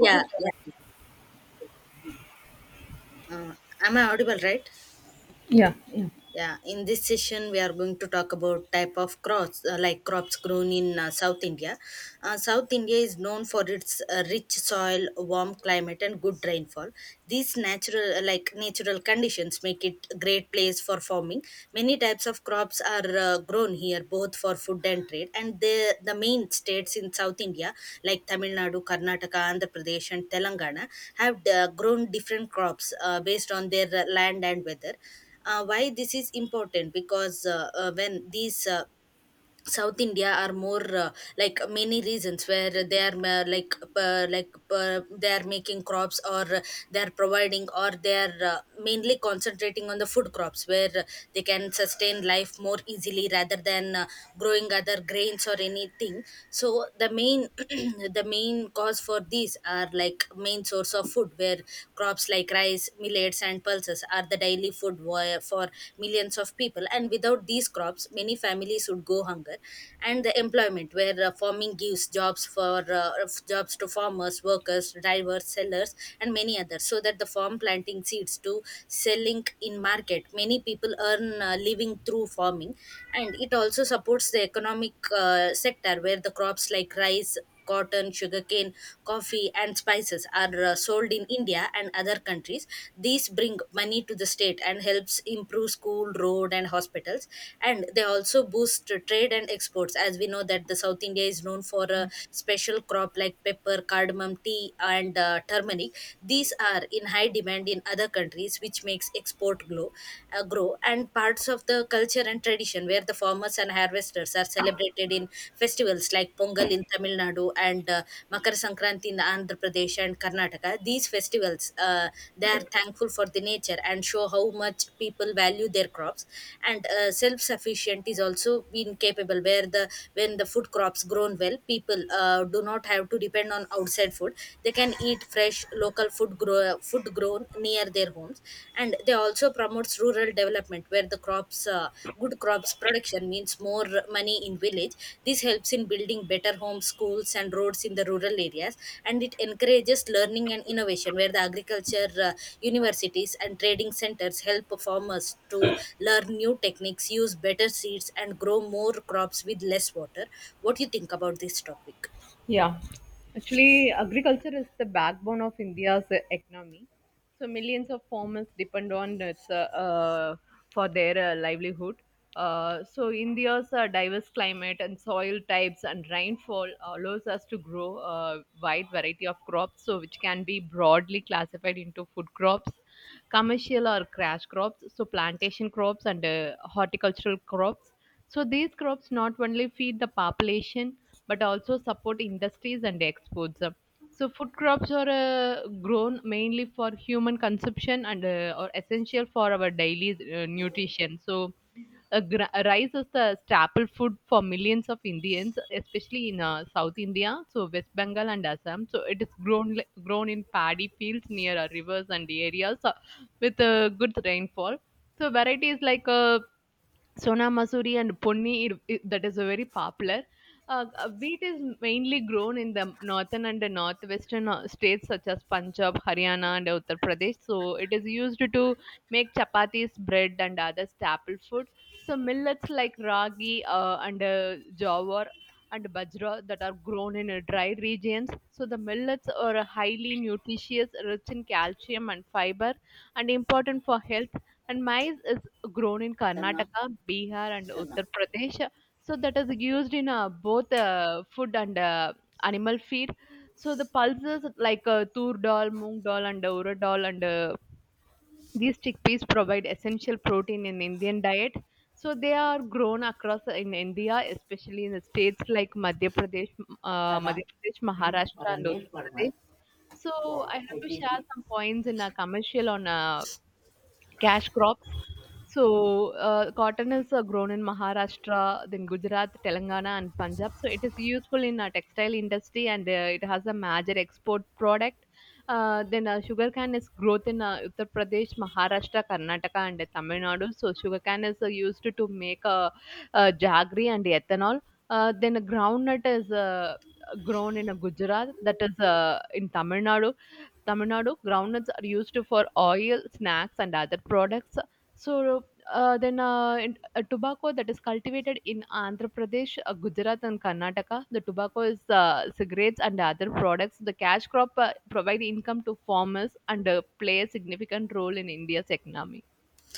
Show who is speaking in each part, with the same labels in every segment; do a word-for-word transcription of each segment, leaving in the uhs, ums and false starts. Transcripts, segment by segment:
Speaker 1: Yeah, yeah. Uh, am I audible, right?
Speaker 2: Yeah, yeah.
Speaker 1: Yeah, in this session, we are going to talk about type of crops, uh, like crops grown in uh, South India. Uh, South India is known for its uh, rich soil, warm climate, and good rainfall. These natural, uh, like natural conditions, make it a great place for farming. Many types of crops are uh, grown here, both for food and trade. And the the main states in South India, like Tamil Nadu, Karnataka, Andhra Pradesh, and Telangana, have uh, grown different crops uh, based on their uh, land and weather. Uh, why this is important, because uh, uh, when these uh, South India are more uh, like many reasons where they are ma- like uh, like uh, they are making crops, or uh, they are providing, or they are uh, mainly concentrating on the food crops where uh, they can sustain life more easily rather than uh, growing other grains or anything. So the main the main cause for these are like main source of food where crops like rice, millets, and pulses are the daily food wa- for millions of people, and without these crops many families would go hunger. And the employment, where uh, farming gives jobs for uh, jobs to farmers, workers, drivers, sellers, and many others, so that the farm, planting seeds to selling in market, many people earn uh, living through farming. And it also supports the economic uh, sector where the crops like rice, cotton, sugarcane, coffee, and spices are uh, sold in India and other countries. These bring money to the state and helps improve school, road, and hospitals. And they also boost uh, trade and exports, as we know that the South India is known for a special crop like pepper, cardamom, tea, and uh, turmeric. These are in high demand in other countries, which makes export grow, uh, grow. And parts of the culture and and tradition, where the farmers and harvesters are celebrated in festivals like Pongal in Tamil Nadu and uh, Makar Sankranti in Andhra Pradesh and Karnataka. These festivals, uh, they are thankful for the nature and show how much people value their crops. And uh, self-sufficient is also been capable, where the when the food crops grown well, people uh, do not have to depend on outside food. They can eat fresh local food grow food grown grown near their homes. And they also promotes rural development, where the crops, uh, good crops production means more money in village. This helps in building better homes, schools, and roads in the rural areas. And it encourages learning and innovation, where the agriculture uh, universities and trading centers help farmers to learn new techniques, use better seeds, and grow more crops with less water. What do you think about this topic?
Speaker 2: Yeah, actually, agriculture is the backbone of India's uh, economy. So millions of farmers depend on its uh, uh, for their uh, livelihood. Uh, so India's uh, diverse climate and soil types and rainfall allows us to grow a wide variety of crops, so which can be broadly classified into food crops, commercial or cash crops, so plantation crops and uh, horticultural crops. So these crops not only feed the population but also support industries and exports. So food crops are uh, grown mainly for human consumption and uh, are essential for our daily uh, nutrition. So uh, gra- rice is the staple food for millions of Indians, especially in uh, South India, so West Bengal and Assam. So it is grown li- grown in paddy fields near uh, rivers and areas uh, with uh, good rainfall. So varieties like uh, Sona Masuri and Ponni, it- it- that is a very popular. Uh, uh, wheat is mainly grown in the northern and the northwestern uh, states such as Punjab, Haryana, and Uttar Pradesh. So it is used to make chapatis, bread, and other staple food. So millets like ragi uh, and uh, jawar and bajra that are grown in uh, dry regions. So the millets are highly nutritious, rich in calcium and fiber, and important for health, and maize is grown in
Speaker 1: Karna,
Speaker 2: Karnataka, Bihar, and
Speaker 1: Karna,
Speaker 2: Uttar Pradesh. So that is used in uh, both uh, food and uh, animal feed. So the pulses like uh, tur dal, moong dal, and urad dal, and uh, these chickpeas provide essential protein in Indian diet. So they are grown across in India, especially in the states like Madhya Pradesh, uh,
Speaker 1: Karna,
Speaker 2: Madhya Pradesh, Maharashtra,
Speaker 1: or a
Speaker 2: and
Speaker 1: near
Speaker 2: Uttar
Speaker 1: farmer.
Speaker 2: Pradesh. So I have
Speaker 1: I
Speaker 2: to share
Speaker 1: did.
Speaker 2: some points in a commercial on uh, cash crops. So uh, cotton is uh, grown in Maharashtra, then Gujarat, Telangana, and Punjab. So it is useful in uh, textile industry, and uh, it has a major export product. Uh, then uh, sugarcane is growth in uh, Uttar Pradesh, Maharashtra, Karnataka, and uh, Tamil Nadu. So sugarcane is uh, used to make uh, uh, jaggery and ethanol. Uh, then groundnut is uh, grown in uh, Gujarat, that is uh, in Tamil Nadu Tamil Nadu, groundnuts are used for oil, snacks, and other products. So uh, then, uh, in, uh, Tobacco that is cultivated in Andhra Pradesh, uh, Gujarat, and Karnataka. The tobacco is uh, cigarettes and other products. The cash crop uh, provide income to farmers and uh, play a significant role in India's economy.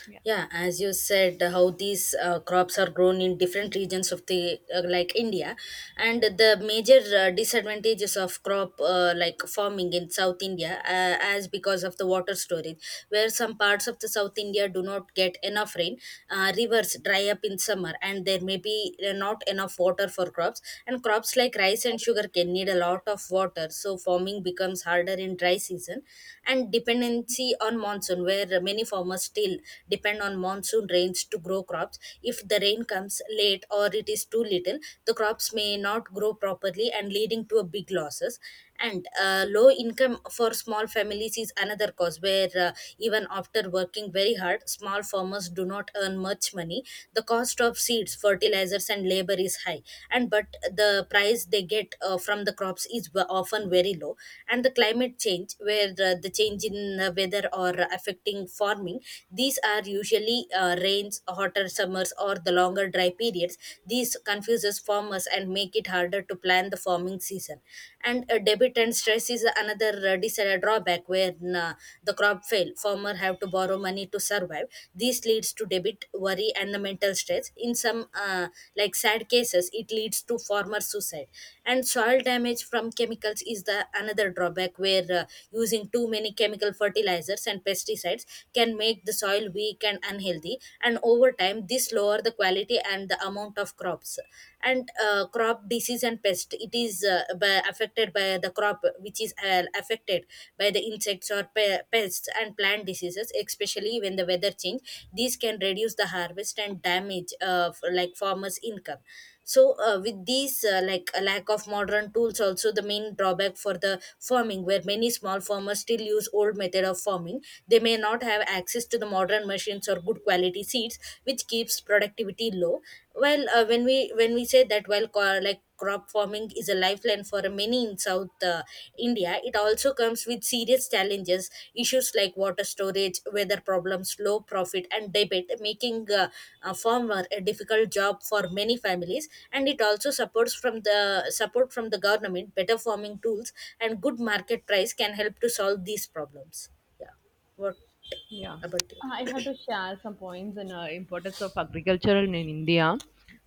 Speaker 2: Yeah.
Speaker 1: Yeah, as you said, how these uh, crops are grown in different regions of the uh, like India, and the major uh, disadvantages of crop uh, like farming in South India, uh, as because of the water storage, where some parts of the South India do not get enough rain. Uh, rivers dry up in summer, and there may be uh, not enough water for crops, and crops like rice and sugar can need a lot of water, so farming becomes harder in dry season. And dependency on monsoon, where many farmers still depend on monsoon rains to grow crops. If the rain comes late or it is too little, the crops may not grow properly and leading to a big losses. And uh, low income for small families is another cause where uh, even after working very hard, small farmers do not earn much money. The cost of seeds, fertilizers, and labor is high, and but the price they get uh, from the crops is ve- often very low. And the climate change, where uh, the change in uh, weather or affecting farming, these are usually uh, rains, hotter summers, or the longer dry periods. These confuses farmers and make it harder to plan the farming season. And a debit and stress is another uh, dis- uh, drawback where uh, the crop fail. Farmer have to borrow money to survive. This leads to debit, worry, and the mental stress. In some uh, like sad cases, it leads to farmer suicide. And soil damage from chemicals is the another drawback where uh, using too many chemical fertilizers and pesticides can make can make the soil weak and unhealthy. And over time this lower the quality and the amount of crops. And uh, crop disease and pest, it is uh, by, affected by the crop, which is uh, affected by the insects or pe- pests and plant diseases, especially when the weather change, these can reduce the harvest and damage uh, f- like farmers income. So uh, with these uh, like a lack of modern tools also the main drawback for the farming, where many small farmers still use old method of farming. They may not have access to the modern machines or good quality seeds, which keeps productivity low. Well, uh, when we when we say that, well co- like crop farming is a lifeline for many in south uh, india, it also comes with serious challenges, issues like water storage, weather problems, low profit, and debt, making uh, a farmer a difficult job for many families. And it also supports from the support from the government, better farming tools and good market price can help to solve these problems. Yeah. What
Speaker 2: Yeah,
Speaker 1: about
Speaker 2: I
Speaker 1: you?
Speaker 2: have to share some points in uh, importance of agriculture in, in India.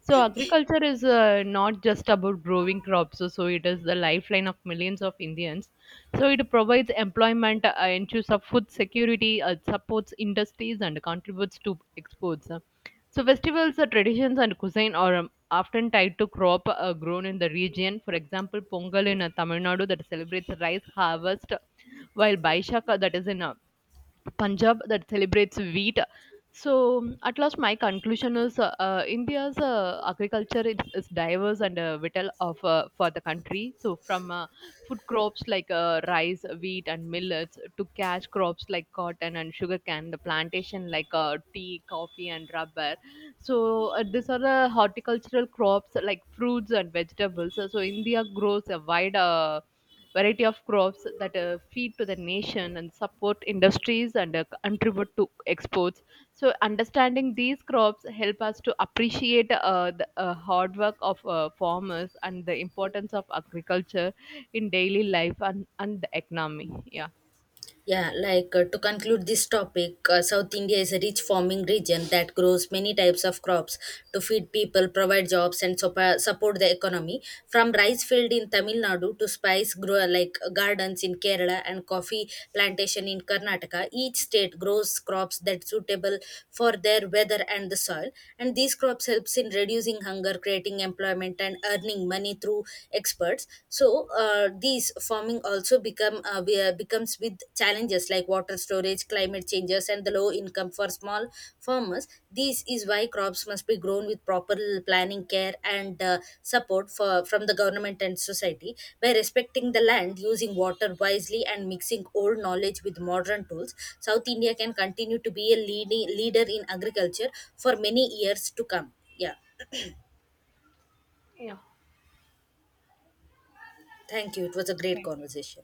Speaker 2: So agriculture is uh, not just about growing crops, so, so it is the lifeline of millions of Indians. So it provides employment, uh, ensures of food security, uh, supports industries, and contributes to exports. So festivals, uh, traditions, and cuisine are um, often tied to crop uh, grown in the region. For example, Pongal in uh, Tamil Nadu that celebrates rice harvest, while Baishaka that is in uh, Punjab that celebrates wheat. So, at last, my conclusion is uh, uh, India's uh, agriculture is, is diverse and uh, vital of uh, for the country. So, from uh, food crops like uh, rice, wheat, and millets to cash crops like cotton and sugarcane, the plantation like uh, tea, coffee, and rubber. So, uh, these are the horticultural crops like fruits and vegetables. So, India grows a wide uh, variety of crops that uh, feed to the nation and support industries and uh, contribute to exports. So understanding these crops help us to appreciate uh, the uh, hard work of uh, farmers and the importance of agriculture in daily life and, and the economy. Yeah.
Speaker 1: Yeah, like uh, to conclude this topic, uh, South India is a rich farming region that grows many types of crops to feed people, provide jobs, and sup- support the economy. From rice field in Tamil Nadu to spice grow like gardens in Kerala and coffee plantation in Karnataka, each state grows crops that suitable for their weather and the soil. And these crops helps in reducing hunger, creating employment, and earning money through experts. So uh, these farming also become uh, be- uh, becomes with challenges like water storage, climate changes, and the low income for small farmers. This is why crops must be grown with proper planning, care, and uh, support for from the government and society. By respecting the land, using water wisely, and mixing old knowledge with modern tools, south india can continue to be a leading leader in agriculture for many years to come. Yeah,
Speaker 2: Yeah.
Speaker 1: thank you, it was a great conversation.